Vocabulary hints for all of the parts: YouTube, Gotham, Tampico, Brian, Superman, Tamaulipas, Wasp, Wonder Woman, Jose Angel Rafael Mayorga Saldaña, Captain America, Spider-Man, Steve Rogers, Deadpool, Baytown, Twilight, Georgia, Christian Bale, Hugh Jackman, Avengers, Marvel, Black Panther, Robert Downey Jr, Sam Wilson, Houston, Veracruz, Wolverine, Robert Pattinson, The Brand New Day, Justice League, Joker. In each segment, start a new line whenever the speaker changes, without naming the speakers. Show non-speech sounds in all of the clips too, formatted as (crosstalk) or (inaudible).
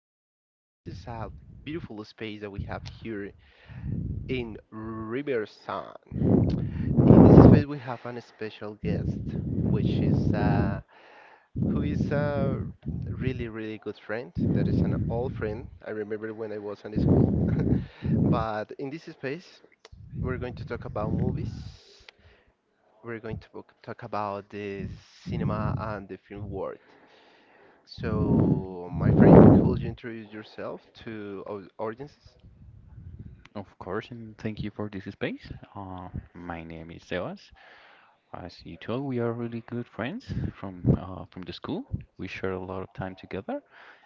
Andrew, and this is a beautiful space that we have here in Riverside. In this space, we have an special guest, which is who is a really, really good friend. That is an old friend. I remember when I was in school. But in this space, we're going to talk about movies. We're going to talk about the cinema and the film world. So, my friend, could you introduce yourself to our audiences?
Of course, and thank you for this space. My name is Sebas. As you told, we are really good friends from the school. We share a lot of time together,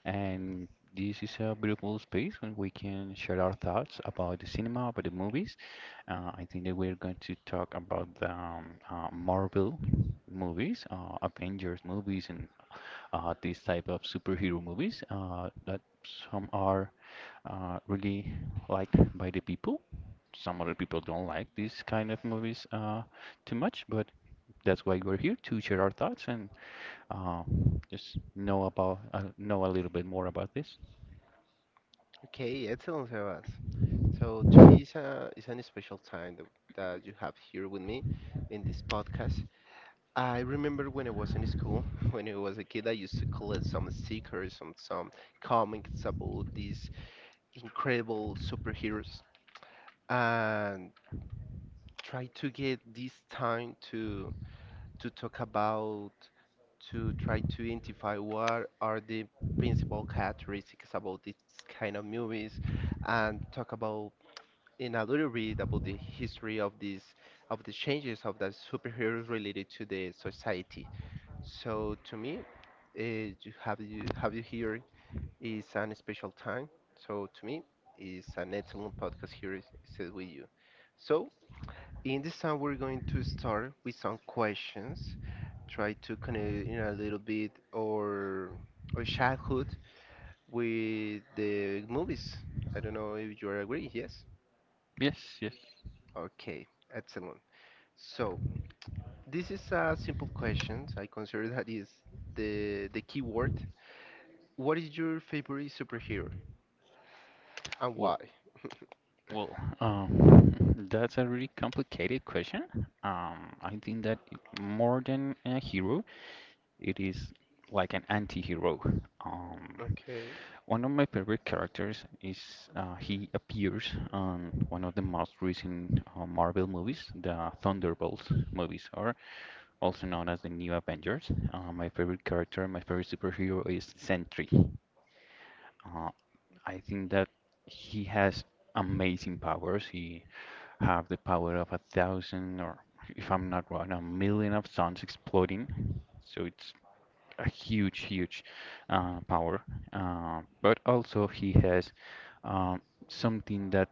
and this is a beautiful space when we can share our thoughts about the cinema, about the movies. I think that we're going to talk about the Marvel movies, Avengers movies, and these type of superhero movies that some are really liked by the people. Some other people don't like these kind of movies too much, but that's why we're here to share our thoughts and uh, just know about know a little bit more about this.
Okay, excellent, Sebas. So, to me, it's an special time that you have here with me in this podcast. I remember when I was in school, (laughs) when I was a kid, I used to collect some stickers, some comics about these incredible superheroes and try to get this time to talk about to try to identify what are the principal characteristics about this kind of movies and talk about in a little bit about the history of of the changes of the superheroes related to the society. So to me, you have you here is an special time. So to me, it's an excellent podcast here is with you. So in this time, we're going to start with some questions. Try to connect in a little bit or childhood with the movies. I don't know if you agree. Yes.
Yes, yes.
Okay. Excellent. So this is a simple question. I consider that is the key word. What is your favorite superhero and why?
Well,
(laughs)
well, um, (laughs) that's a really complicated question. I think that more than a hero, it is like an anti-hero. Um,
Okay.
One of my favorite characters is he appears on one of the most recent Marvel movies, the Thunderbolts movies, or also known as the New Avengers. My favorite character, my favorite superhero is Sentry. Uh, I think that he has amazing powers. He have the power of a thousand, or if I'm not wrong, a million of suns exploding. So it's a huge, huge power. But also he has um, something that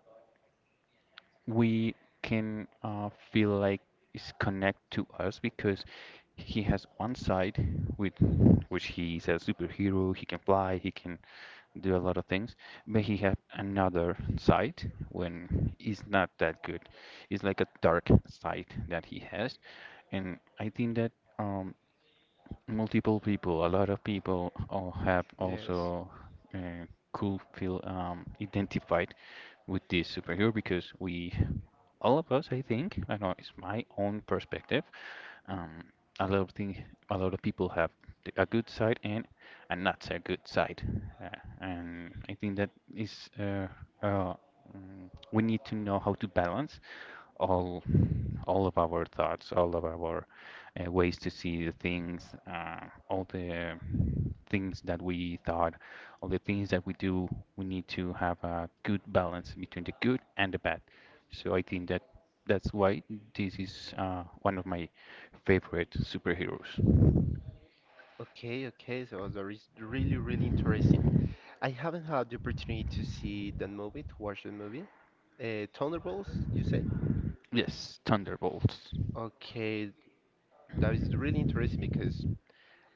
we can feel like is connect to us because he has one side with which he is a superhero. He can fly. He can do a lot of things, but he has another side when he's not that good. It's like a dark side that he has, and I think that um, multiple people, a lot of people all have
Yes.
also uh, could feel identified with this superhero because we, all of us, I think, I know it's my own perspective. Um, a lot of things, a lot of people have a good side and a not so good side, uh, and I think that is uh, we need to know how to balance all all of our thoughts, all of our ways to see the things, all the things that we thought, all the things that we do, we need to have a good balance between the good and the bad. So I think that that's why this is one of my favorite superheroes.
Okay. Okay. So that is really really interesting. I haven't had the opportunity to see that movie, to watch the movie. Thunderbolts, you say?
Yes, Thunderbolts.
Okay, that is really interesting because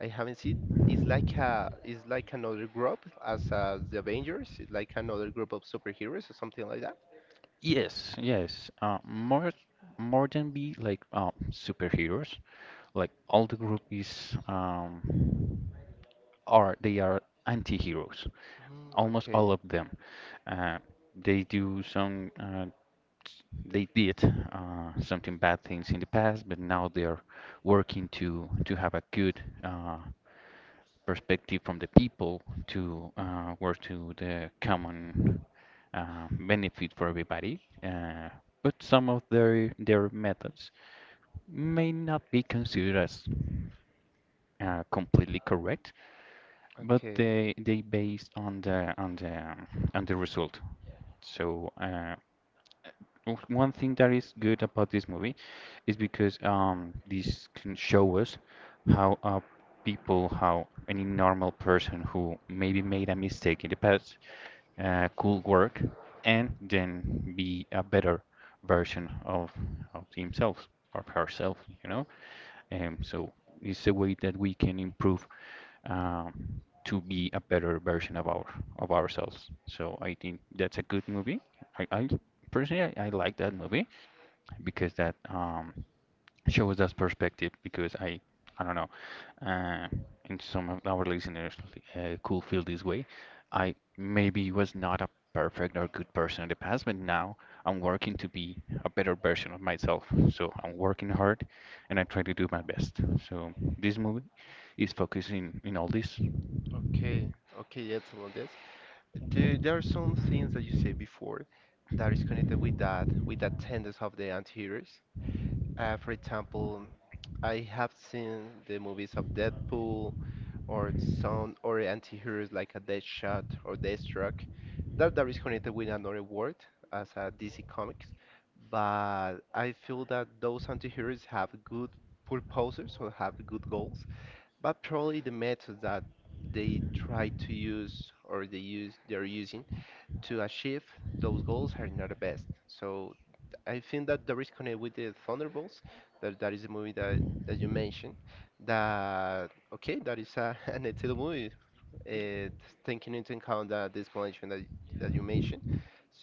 I haven't seen. It's like it's like another group as the Avengers. It's like another group of superheroes or something like that.
Yes, yes. More than be like superheroes. Like all the group is are they are anti-heroes.
Mm,
Almost all
okay,
of them. Uh, they do some they did something bad things in the past, but now they're working to have a good perspective from the people to work to the common benefit for everybody. But some of their methods may not be considered as completely correct. But
okay,
they based on the on the result. So one thing that is good about this movie is because this can show us how people how any normal person who maybe made a mistake in the past could work and then be a better version of himself or herself, you know. So it's a way that we can improve to be a better version of our of ourselves. So I think that's a good movie. I, I I like that movie because that shows that perspective because I don't know, uh, and some of our listeners could feel this way. I maybe was not a perfect or good person in the past, but now I'm working to be a better version of myself. So I'm working hard and I try to do my best. So this movie is focusing in all this.
okay, okay. Excellent. Yes, there are some things that you said before that is connected with with that tendency of the anti-heroes. For example, I have seen the movies of Deadpool or some or anti-heroes like a Deadshot or Deathstroke. That is connected with another world, as a DC Comics, but I feel that those anti-heroes have good purposes or have good goals, but probably the methods that they try to use or they're using to achieve those goals are not the best. So I think that there is connect with the Thunderbolts, that that is the movie that you mentioned. That okay, that is (laughs) an excellent movie. Uh, Taking into account that the explanation that you mentioned.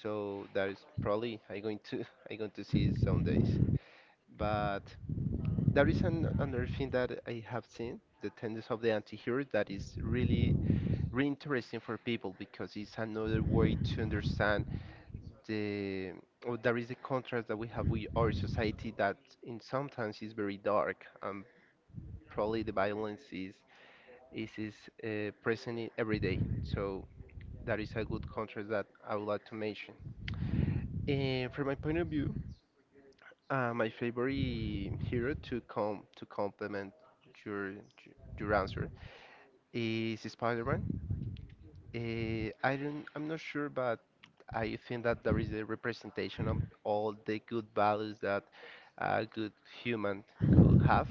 So that is probably I going to (laughs) I going to see it some days. But there is another thing that I have seen, the tendency of the anti-hero that is really really interesting for people because it's another way to understand the or there is a contrast that we have with our society that in sometimes is very dark and probably the violence is present in every day. So that is a good contrast that I would like to mention. And from my point of view, my favorite hero to come to complement your your answer is Spider-Man. Eh, I don't, I'm not sure, but I think that there is a representation of all the good values that a good human could have.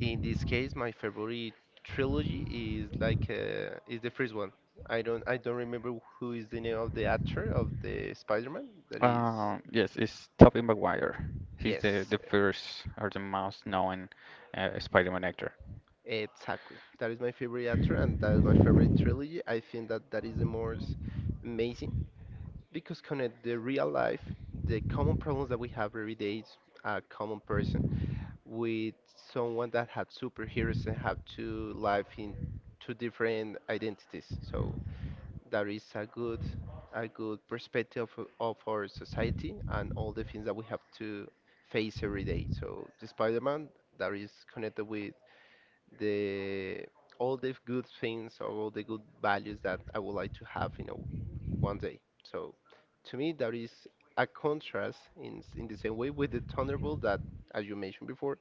In this case, my favorite trilogy is like is the first one. I don't remember who is the name of the actor of the Spider-Man. That is
Yes, it's Tobey Maguire. He's
yes,
the first or the most known Spider-Man actor.
exactly. That is my favorite actor and that is my favorite trilogy. I think that that is the most amazing because connect the real life, the common problems that we have every day, is a common person, with someone that had superheroes and have two life in two different identities. So that is a good perspective of our society and all the things that we have to face every day. So the Spider-Man that is connected with the all the good things or all the good values that I would like to have in a one day. So to me, that is a contrast in in the same way with the Thunderbolt as you mentioned before,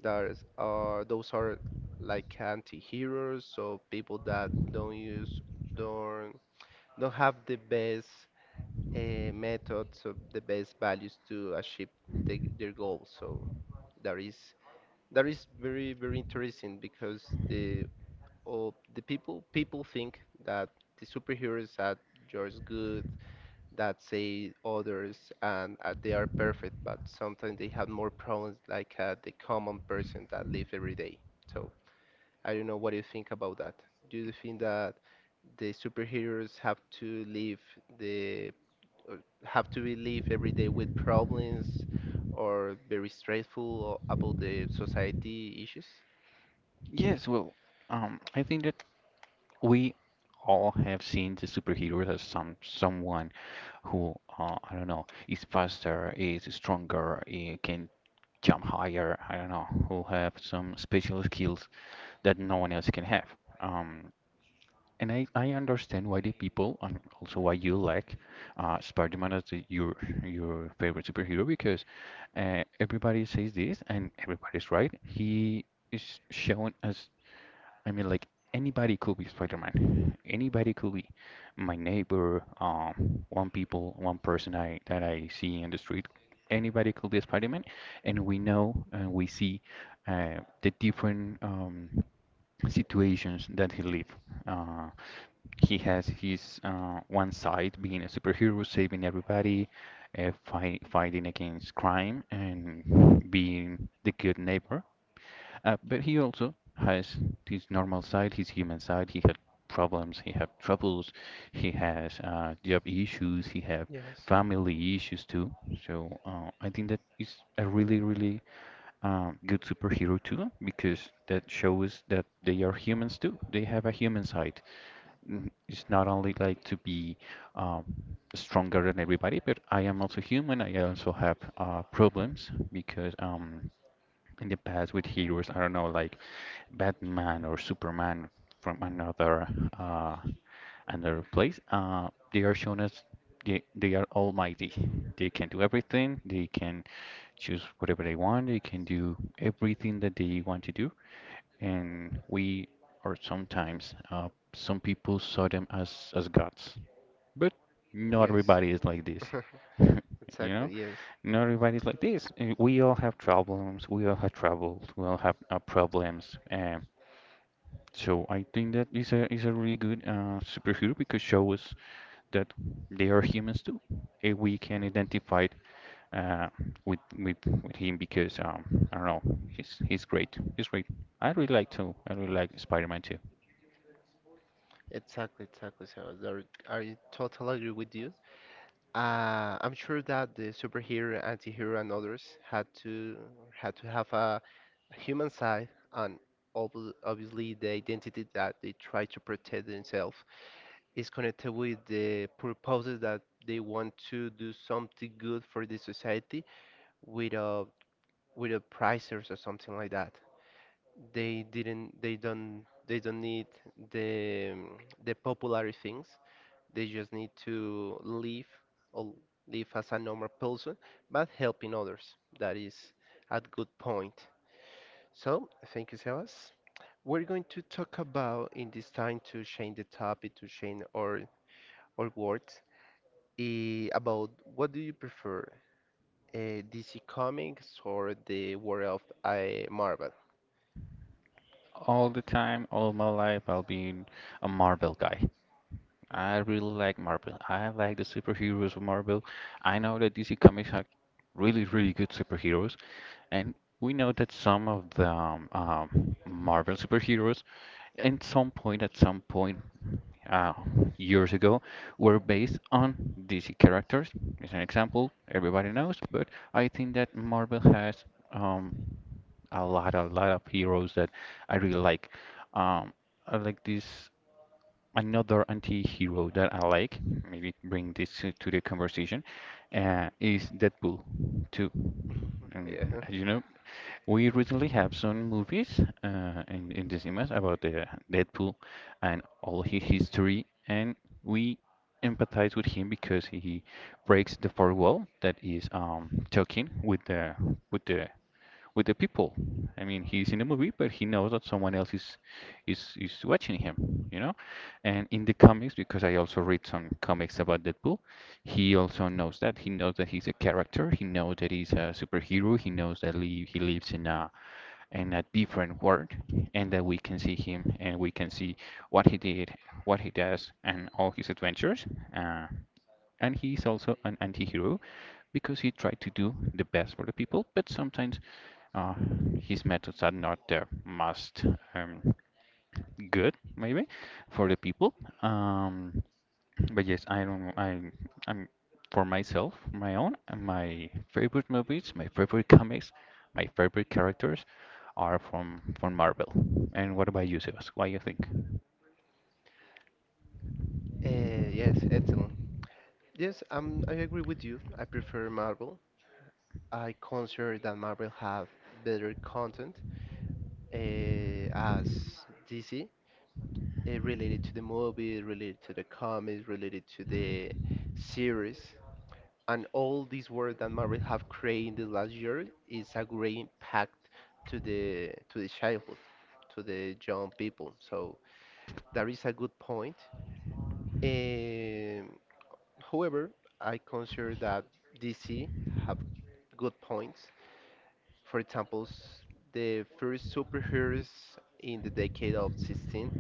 there's those are like anti-heroes, so people that don't use don't don't have the best methods or the best values to achieve their goals. So that is that is very very interesting because the all the people people think that the superheroes are just good that say others and they are perfect, but sometimes they have more problems like the common person that live every day. So I don't know what you think about that. Do you think that the superheroes have to live the uh, have to be live every day with problems or very stressful about the society issues?
Yes, I think that we all have seen the superheroes as someone who I don't know is faster, is stronger, eh, can jump higher. I don't know who have some special skills that no one else can have. Um, and I understand why the people and also why you like Spider-Man as your favorite superhero because everybody says this and everybody's right. He is shown as I mean, like anybody could be Spider-Man. Anybody could be my neighbor, one people, one person I that I see in the street. Anybody could be Spider-Man, and we know and we see the different situations that he live. Uh, he has his one side being a superhero, saving everybody, fighting against crime, and being the good neighbor. But he also has his normal side, his human side. He had problems, he had troubles, he has job issues, he have
Yes,
family issues too. So I think that is a really, really good superhero too, because that shows that they are humans too. They have a human side. It's not only like to be um, stronger than everybody, but I am also human. I also have problems because in the past with heroes, I don't know, like Batman or Superman from another uh, another place, they are shown as they are almighty. They can do everything. They can choose whatever they want. They can do everything that they want to do. And or sometimes, some people saw them as gods. But not
yes,
everybody is like this.
(laughs)
(laughs) You know,
exactly, yes.
not everybody's like this. We all have problems. We all have troubles. We all have problems. So I think that is a really good superhero because shows that they are humans too. And we can identify uh, with with with him because I don't know, he's great. He's great. I really like too. I really like Spider-Man too.
Exactly, exactly. So I totally agree with you. I'm sure that the superhero, antihero, and others had to have a human side, and ob- obviously the identity that they try to protect themselves is connected with the purposes that they want to do something good for the society without prices or something like that. They didn't. They don't. They don't need the popular things. They just need to live or live as a normal person, but helping others. That is a good point. So, thank you, Sebas. We're going to talk about in this time to change the topic, to change our words, eh, about what do you prefer, DC Comics or the world of Marvel? (laughs)
All the time, all my life, I'll be a Marvel guy. I really like Marvel. I like the superheroes of Marvel. I know that DC Comics have really, really good superheroes, and we know that some of the Marvel superheroes, at some point, uh, years ago, were based on DC characters. As an example, everybody knows, but I think that Marvel has um, a lot of heroes that I really like. Um, I like this another anti-hero that I like, maybe bring this to the conversation, is Deadpool 2. And
Yeah.
as you know, we recently have some movies uh, in the cinemas about the Deadpool and all his history, and we empathize with him because he breaks the fourth wall that is talking with with the the people. I mean, he's in a movie, but he knows that someone else is is watching him, you know? And in the comics, because I also read some comics about Deadpool, he also knows that. He knows that he's a character. He knows that he's a superhero. He knows that he lives in a different world and that we can see him and we can see what he did, what he does, and all his adventures. Uh, and he is also an anti-hero because he tried to do the best for the people, but sometimes uh, his methods are not the most um, good, maybe, for the people. Um, but yes, I don't. I'm for myself, my own, my favorite movies, my favorite comics, my favorite characters are from Marvel. And what about you, Sebas? What do you think?
Yes, excellent. Yes, I agree with you. I prefer Marvel. I consider that Marvel have better content, as DC, related to the movie, related to the comics, related to the series, and all this work that Marvel have created in the last year is a great impact to the childhood, to the young people. So that is a good point. Um, However, I consider that DC have good points. For example, the first superheroes in the decade of 16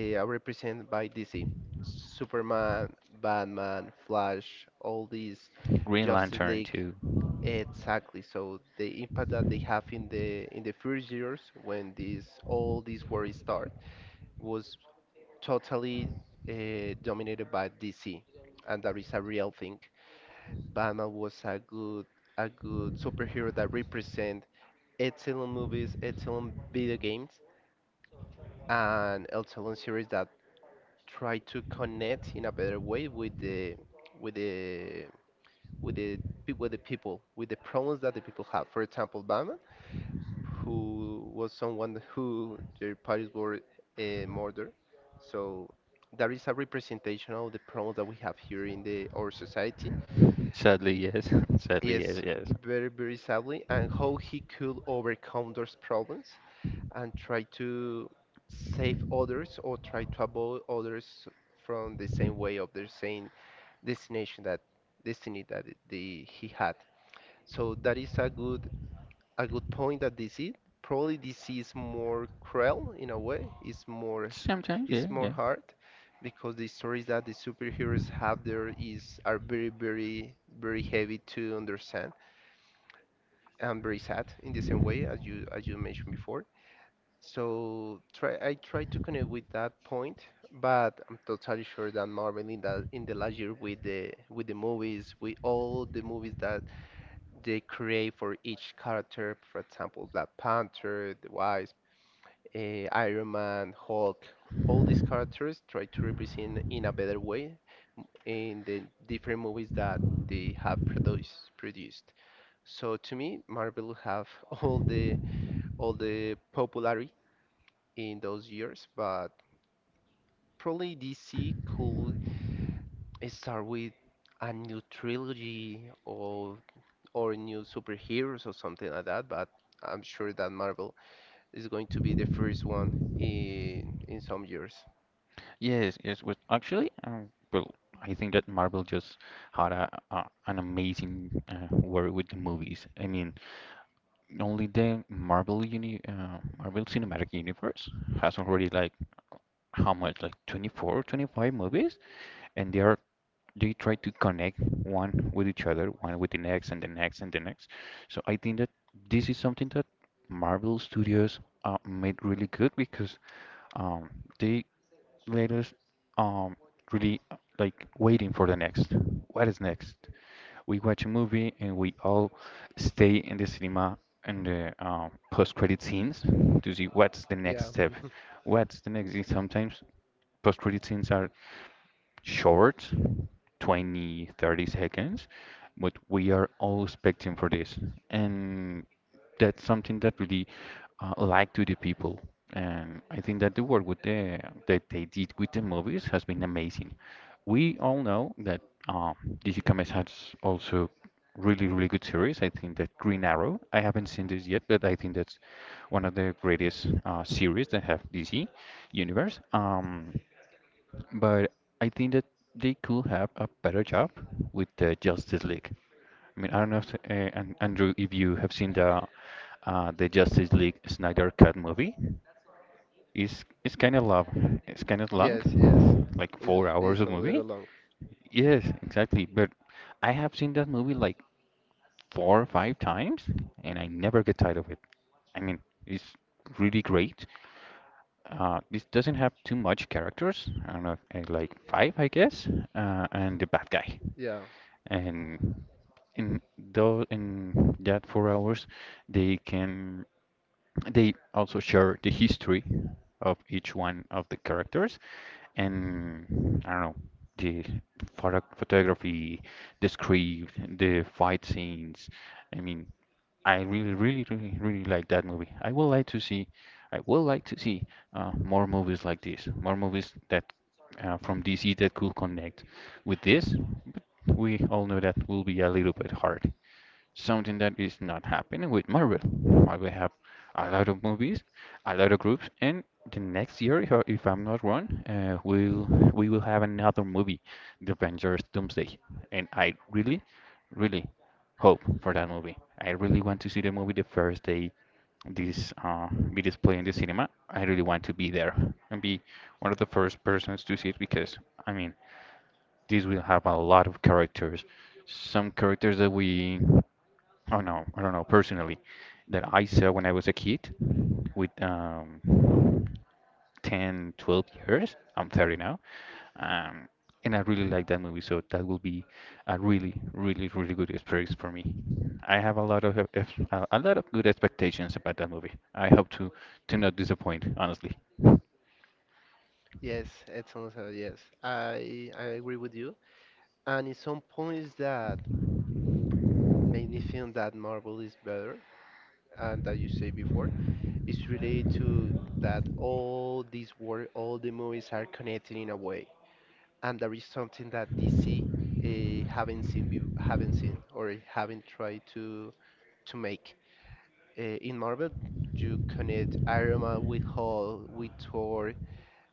eh, are represented by DC. Superman, Batman, Flash, all these
Green
Justice
Lantern
League.
too.
Exactly. So the impact that they have in the first years when this all this war start was totally dominated by DC, and that is a real thing. Batman was a good superhero that represent excellent movies, excellent video games, and excellent series that try to connect in a better way with the with the with the pe- with the people with the problems that the people have. For example, Batman, who was someone (laughs) who their parents were murdered, so that is a representation of the problems that we have here in the our society.
Sadly, yes. (laughs) Sadly,
Yes,
yes, yes.
very very sadly, and how he could overcome those problems and try to save others or try to avoid others from the same way of the same destination that destiny that it- the he had. So that is a good point that this is probably this is more cruel in a way.
Sometimes, yeah,
It's more
yeah.
hard because the stories that the superheroes have there is are very very very heavy to understand and very sad in the same way as you mentioned before. So try I try to connect with that point, but I'm totally sure that Marvel in that in the last year with the movies, with all the movies that they create for each character, for example, Black Panther, the Wise, eh, Iron Man, Hulk, all these characters try to represent in a better way in the different movies that they have produced. So to me, Marvel have (laughs) all the popularity in those years, but probably DC could start with a new trilogy or new superheroes or something like that, but I'm sure that Marvel is going to be the first one in some years.
Yes, yes. I think that Marvel just had a an amazing work with the movies. I mean, only the Marvel Cinematic Universe has already like how much like 24, 25 movies, and they try to connect one with each other, one with the next, and the next, and the next. So I think that this is something that Marvel Studios made really good because um, they Latest, um, really like waiting for the next. What is next? We watch a movie and we all stay in the cinema and the post-credit scenes to see what's the next
Yeah.
step.
(laughs)
What's the next? Sometimes post-credit scenes are short, twenty, thirty seconds, but we are all expecting for this, and that's something that really like to the people. And I think that the work with the that they did with the movies has been amazing. We all know that um DC Comics has also really really good series. I think that Green Arrow, I haven't seen this yet, but I think that's one of the greatest series that have DC universe. But I think that they could have a better job with the Justice League. I mean, I don't know if, and Andrew, if you have seen the Justice League Snyder Cut movie. It's kind of long. It's kind of
Yes, yes.
long, like 4 hours
It's
of
a little
movie.
long.
Yes, exactly. But I have seen that movie like four or five times, and I never get tired of it. I mean, it's really great. This doesn't have too much characters. I don't know, like five, I guess, and the bad guy.
Yeah.
And in though in that 4 hours, they can they also share the history of each one of the characters. And I don't know, the photography, the script, the fight scenes. I mean, I really, really, really, really like that movie. I would like to see more movies like this, more movies that from DC that could connect with this. But we all know that will be a little bit hard, something that is not happening with Marvel. Marvel have a lot of movies, a lot of groups, and the next year, if I'm not wrong, we will have another movie, The Avengers Doomsday. And I really, really hope for that movie. I really want to see the movie the first day this be displayed in the cinema. I really want to be there and be one of the first persons to see it, because I mean, this will have a lot of characters, some characters that we— Oh no, I don't know personally, that I saw when I was a kid with 10, 12 years. I'm 30 now. Um, and I really like that movie, so that will be a really, really, really good experience for me. I have a lot of a lot of good expectations about that movie. I hope to not disappoint, honestly.
Yes, it's also yes. I agree with you. And in some points that made me feel that Marvel is better and that you say before. Is related to that all these work, all the movies are connected in a way, and there is something that DC haven't seen, be- haven't seen, or haven't tried to make. In Marvel, you connect Iron Man with Hulk, with Thor,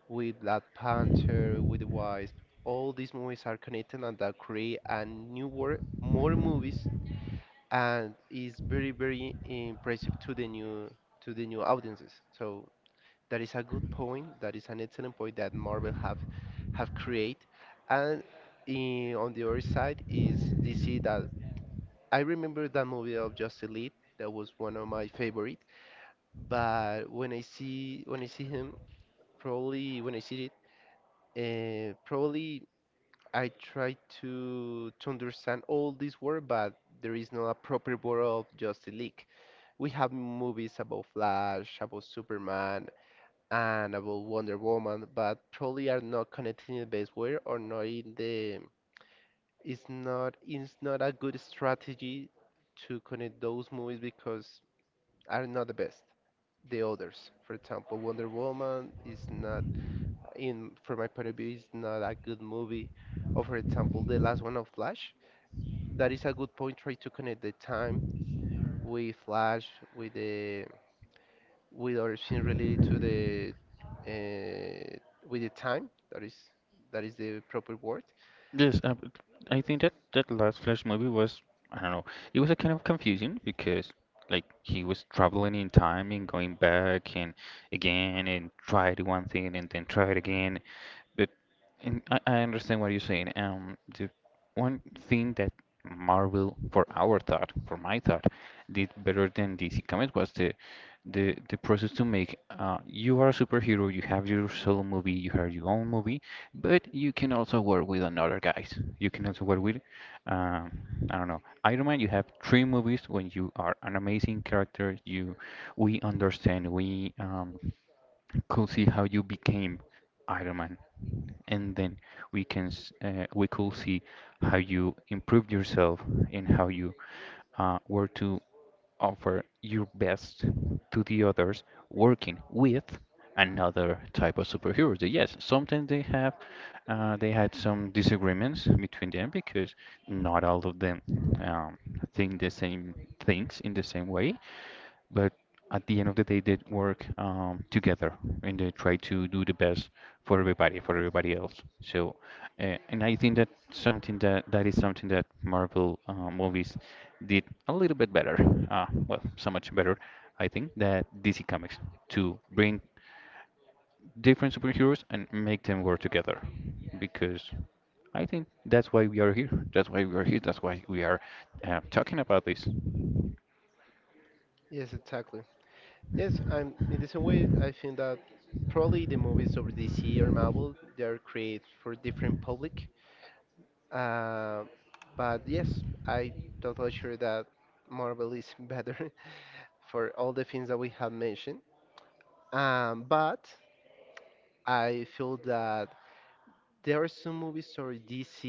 with Black Panther, with the Wasp. All these movies are connected, and that create a new world, more movies, and is very very impressive to the new audiences. So that is a good point. That is an excellent point that Marvel have create. And on the other side is DC. That I remember, that movie of Justice League. That was one of my favorite. But when I see him, probably when I see it, probably I try to understand all this word, but there is no a proper word of Justice League. We have movies about Flash, about Superman, and about Wonder Woman, but probably are not connected in the best way, or not in the it's not a good strategy to connect those movies, because are not the best. The others, for example, Wonder Woman is not in from my point of view is not a good movie. Or for example, the last one of Flash. That is a good point. Try to connect the time with Flash with the with everything related to the uh, with the time that is the proper word.
Yes, but I think that that last Flash movie was, I don't know, it was a kind of confusing, because like he was traveling in time and going back and again and tried one thing and then tried again. But and I understand what you're saying. The one thing that Marvel, for our thought, for my thought, did better than DC Comics was the the process to make. You are a superhero. You have your solo movie. You have your own movie, but you can also work with another guys. You can also work with, um, I don't know, Iron Man. You have three movies when you are an amazing character. We understand. We could see how you became Iron Man, and then we can we could see how you improved yourself and how you were to offer your best to the others, working with another type of superheroes. They— yes, sometimes they have they had some disagreements between them, because not all of them um, think the same things in the same way, but at the end of the day, they work together and they try to do the best for everybody else. So, and I think that something that is something that Marvel movies did a little bit better. Well, so much better, I think, that DC Comics, to bring different superheroes and make them work together, because I think that's why we are here. That's why we are here. That's why we are talking about this.
Yes, exactly. Yes, I'm in the same way. I think that probably the movies of DC or Marvel, they are created for different public. uh, but yes, I totally sure that Marvel is (laughs) better for all the things that we have mentioned. But I feel that there are some movies or DC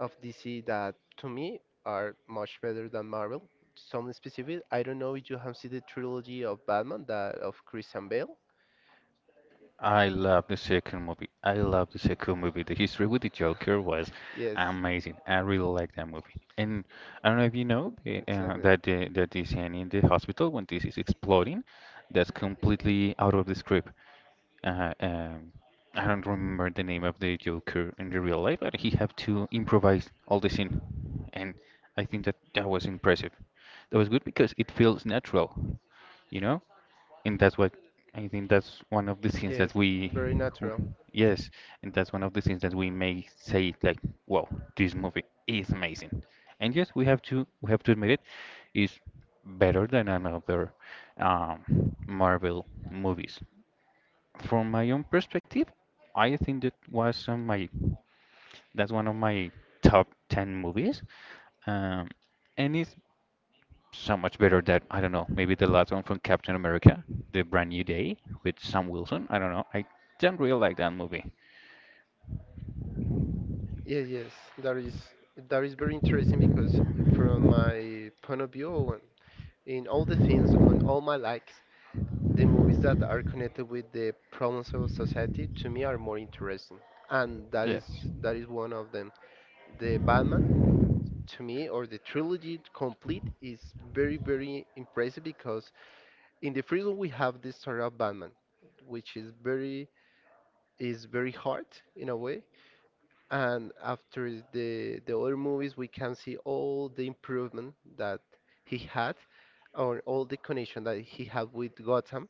of DC that to me are much better than Marvel. Some specific, I don't know if you have seen the trilogy of Batman, that of Christian Bale.
I love the second movie. I love the second movie. The history with the Joker was
Yes,
amazing. I really like that movie. And I don't know if you know
exactly.
the scene in the hospital when this is exploding, that's completely out of the script. Uh, um, I don't remember the name of the Joker in the real life, but he had to improvise all the scene, and I think that that was impressive. That was good because it feels natural, you know? And that's what— I think that's one of the things that
Yes, very natural.
yes, and that's one of the things that we may say, like, wow, this movie is amazing. And yes, we have to admit it is better than another Marvel movies. From my own perspective, I think that was on my— that's one of my top 10 movies. Um, and it's so much better that I don't know. Maybe the last one from Captain America, The Brand New Day with Sam Wilson. I don't know. I don't really like that movie.
Yes, yes, that is that is very interesting because from my point of view, and in all the things on all my likes, the movies that are connected with the problems of society to me are more interesting, and
Yeah,
that is one of them. The Batman to me, or the trilogy complete, is very very impressive because in the first one we have the story of Batman, which is very hard in a way. And after the other movies we can see all the improvement that he had, or all the connection that he had with Gotham.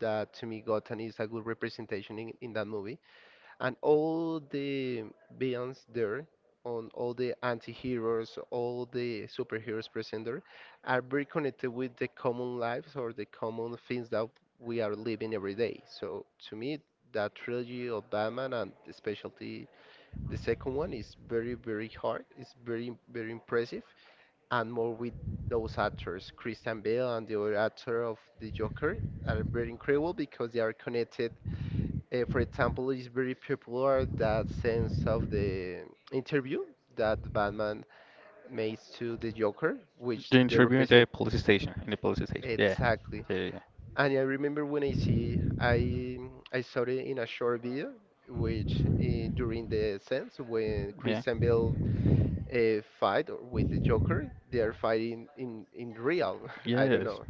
That to me, Gotham is a good representation in that movie, and all the villains there, on all the anti-heroes, all the superheroes present there, are very connected with the common lives or the common things that we are living every day. So to me, that trilogy of Batman, and especially the second one, is very very hard, it's very very impressive, and more with those actors, Christian Bale and the other actor of the Joker, are very incredible because they are connected. For example, it's very popular that sense of the interview that Batman makes to the Joker, which
the
they
interview in the
represent
police station. In the police station. Yeah,
exactly.
yeah,
And I remember when I see, I saw it in a short video, which during the sense when
yeah.
Christian Bale fight with the Joker, they are fighting in real. (laughs) I
Yeah.
don't
Yes.
know,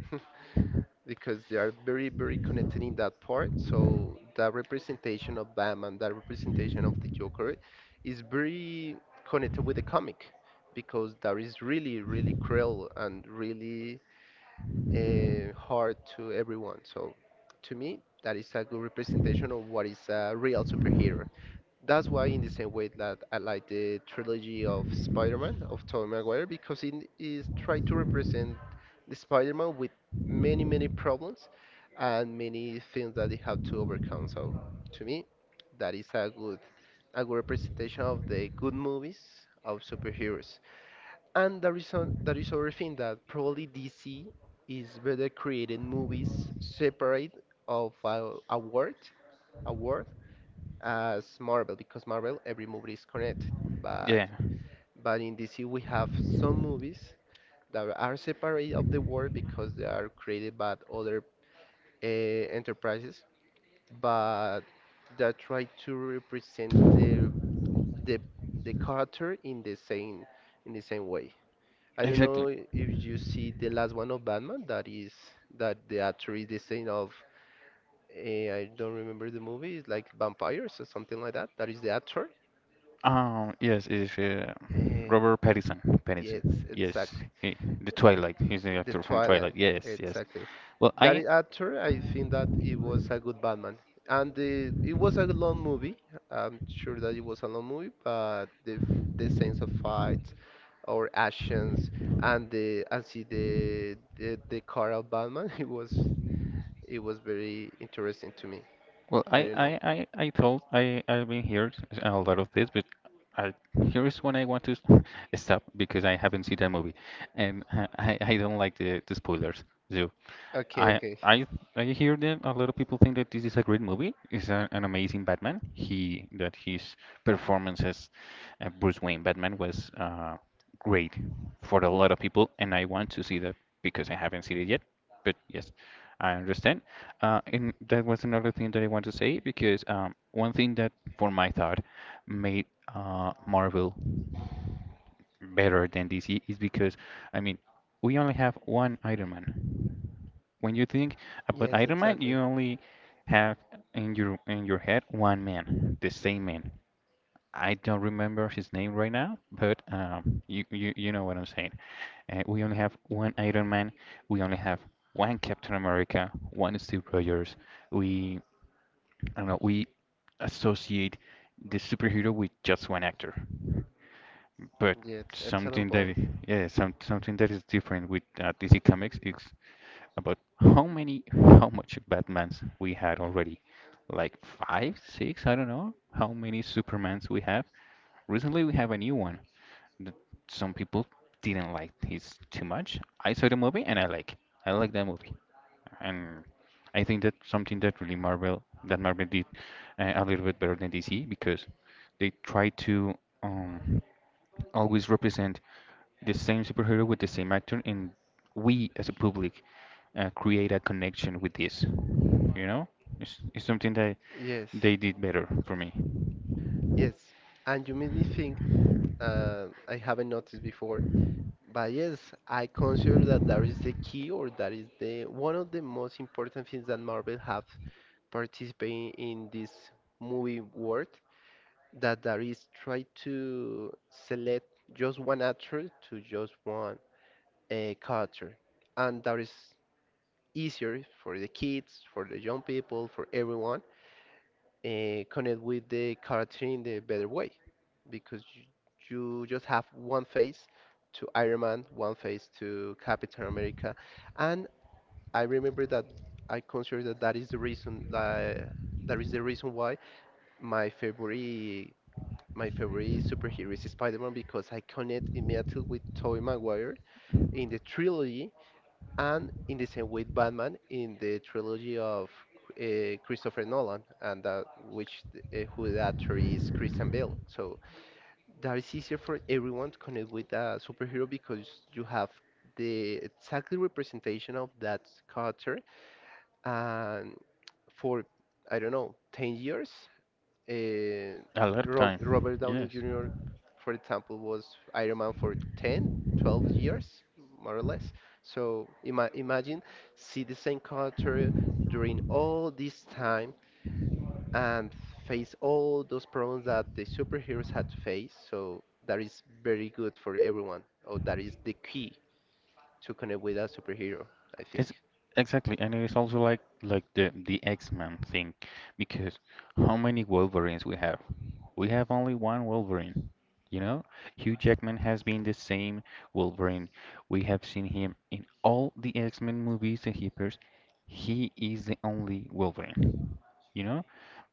because they are very, very connected in that part. So that representation of Batman, that representation of the Joker, is very connected with the comic, because that is really, really cruel and really hard to everyone. So to me, that is a good representation of what is a real superhero. That's why, in the same way that I like the trilogy of Spider-Man of Tobey Maguire, because it is try to represent the Spider-Man with many, many problems and many things that they have to overcome. So, to me, that is a good representation of the good movies of superheroes. And there is other thing that probably DC is better creating movies separate of a world as Marvel, because Marvel every movie is connected, but
Yeah,
but in DC we have some movies that are separate of the world, because they are created by other enterprises, but that try to represent the the the character in the same way. I don't know
exactly.
if you see the last one of Batman, that is that the actor is the same of I don't remember the movie. It's like vampires or something like that. That is the actor.
Yes, it's
Uh,
Robert Pattinson.
Yes,
Pattinson. Yes,
exactly.
he, the Twilight. He's the
The
actor from
Twilight,
Twilight. Yes, yes.
exactly.
Well, I—
Actor, I think that it was a good Batman, and it was a long movie. I'm sure that it was a long movie, but the sense of fights or actions, and the and see the the car of Batman, (laughs) it was very interesting to me.
Well,
I
I,
don't
I,
know.
I, I told— I've been here a lot of this, but I— here is when I want to (laughs) stop, because I haven't seen that movie, and I don't like the spoilers. So
Okay,
I
okay.
I I hear that a lot of people think that this is a great movie. It's a, an amazing Batman. He that his performance as Bruce Wayne Batman was great for a lot of people, and I want to see that because I haven't seen it yet. But yes, I understand. And that was another thing that I want to say, because one thing that, for my thought, made Marvel better than DC, is because I mean, we only have one Iron Man. When you think about
Yes,
Iron Man,
exactly.
you only have in your head one man, the same man. I don't remember his name right now, but you know what I'm saying. We only have one Iron Man. We only have one Captain America, one Steve Rogers. We— I don't know. We associate the superhero with just one actor. But
Yes, excellent
something that
point.
yeah, some something that is different with DC Comics is about how many, (laughs) how much Batmans we had already. Like five, six, I don't know how many Supermans we have. Recently, we have a new one that some people didn't like. He's too much. I saw the movie and I like. I like that movie, and I think that's something that really Marvel did a little bit better than DC, because they try to um, always represent the same superhero with the same actor, and we as a public create a connection with this. You know, it's something that
Yes,
they did better for me.
yes. And you made me think, I haven't noticed before. But yes, I consider that that is the key, or that is the one of the most important things that Marvel have participating in this movie world. That there is try to select just one actor to just one character, and that is easier for the kids, for the young people, for everyone, connect with the character in the better way, because you just have one face to Iron Man, one face to Captain America, and I remember that I consider that that is the reason that that is the reason why my favorite my favorite superhero is Spider-Man, because I connect immediately with Tobey Maguire in the trilogy, and in the same with Batman in the trilogy of Christopher Nolan, and that which who the actor is Christian Bale. So that is easier for everyone to connect with a superhero, because you have the exactly representation of that character, and for I don't know 10 years uh,
A lot of time.
Robert downey
Yes.
jr, for example, was Iron Man for 10 12 years, more or less. So imagine see the same character during all this time, and face all those problems that the superheroes had to face. So that is very good for everyone, or that is the key to connect with a superhero, I think.
It's— exactly, and it's also like the X-Men thing, because how many Wolverines we have? We have only one Wolverine. You know, Hugh Jackman has been the same Wolverine. We have seen him in all the X-Men movies and he appears. He is the only Wolverine. You know,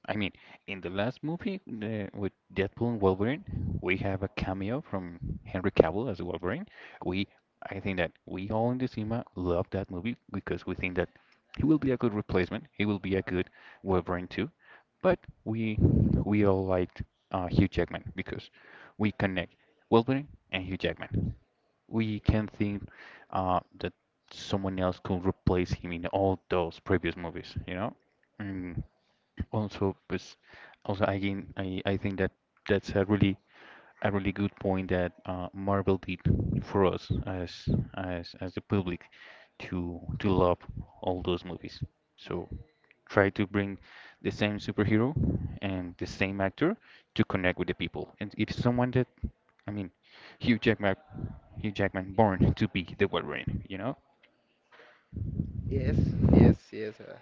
I mean, in the last movie with Deadpool and Wolverine, we have a cameo from Henry Cavill as Wolverine. We— I think that we all in the cinema love that movie, because we think that he will be a good replacement. He will be a good Wolverine too. But we all liked Hugh Jackman, because we connect Wolverine and Hugh Jackman. We can think that someone else could replace him in all those previous movies, you know. And also, pues, also again, I think that that's a really good point that Marvel did for us as as the public to love all those movies. So, try to bring the same superhero and the same actor to connect with the people. And if someone that— I mean, Hugh Jackman, Hugh Jackman born to be the Wolverine, you know?
Yes, yes, yes.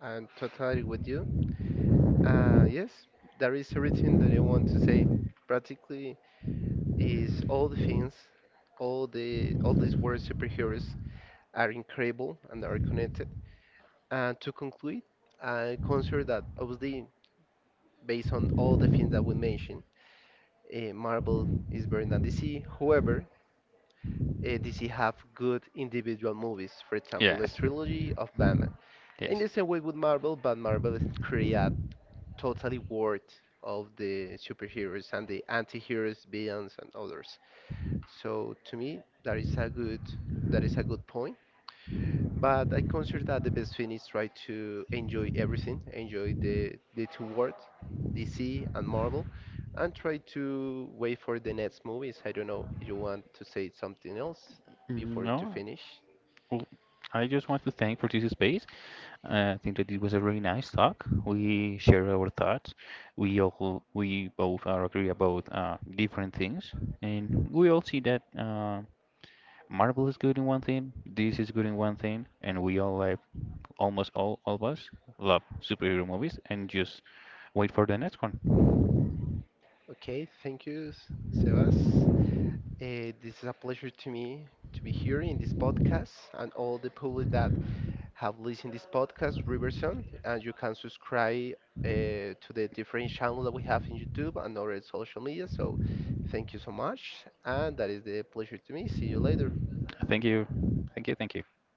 I'm totally with you. Yes, there is everything that I want to say. Practically, is all the things, all these world superheroes are incredible and are connected. And to conclude, I consider that obviously, based on all the things that we mentioned, Marvel is better than DC. However, DC have good individual movies, for example, the
Yes.
trilogy of Batman. In
Yes.
the same way with Marvel, but Marvel is create a totally world of the superheroes and the anti-heroes, villains, and others. So to me, that is a good that is a good point. But I consider that the best thing is try to enjoy everything, enjoy the two worlds, DC and Marvel, and try to wait for the next movies. I don't know if you want to say something else before to
No,
finish.
well, I just want to thank for this space. I think that it was a really nice talk. We shared our thoughts. We both are agree about different things, and we all see that Marvel is good in one thing, this is good in one thing, and we all like almost all of us love superhero movies and just wait for the next one.
Okay, thank you, Sebas. This is a pleasure to me to be here in this podcast, and all the public that have listened this podcast, Riverson, and you can subscribe to the different channels that we have in YouTube and other social media. So thank you so much, and that is the pleasure to me. See you later.
Thank you. Thank you. Thank you.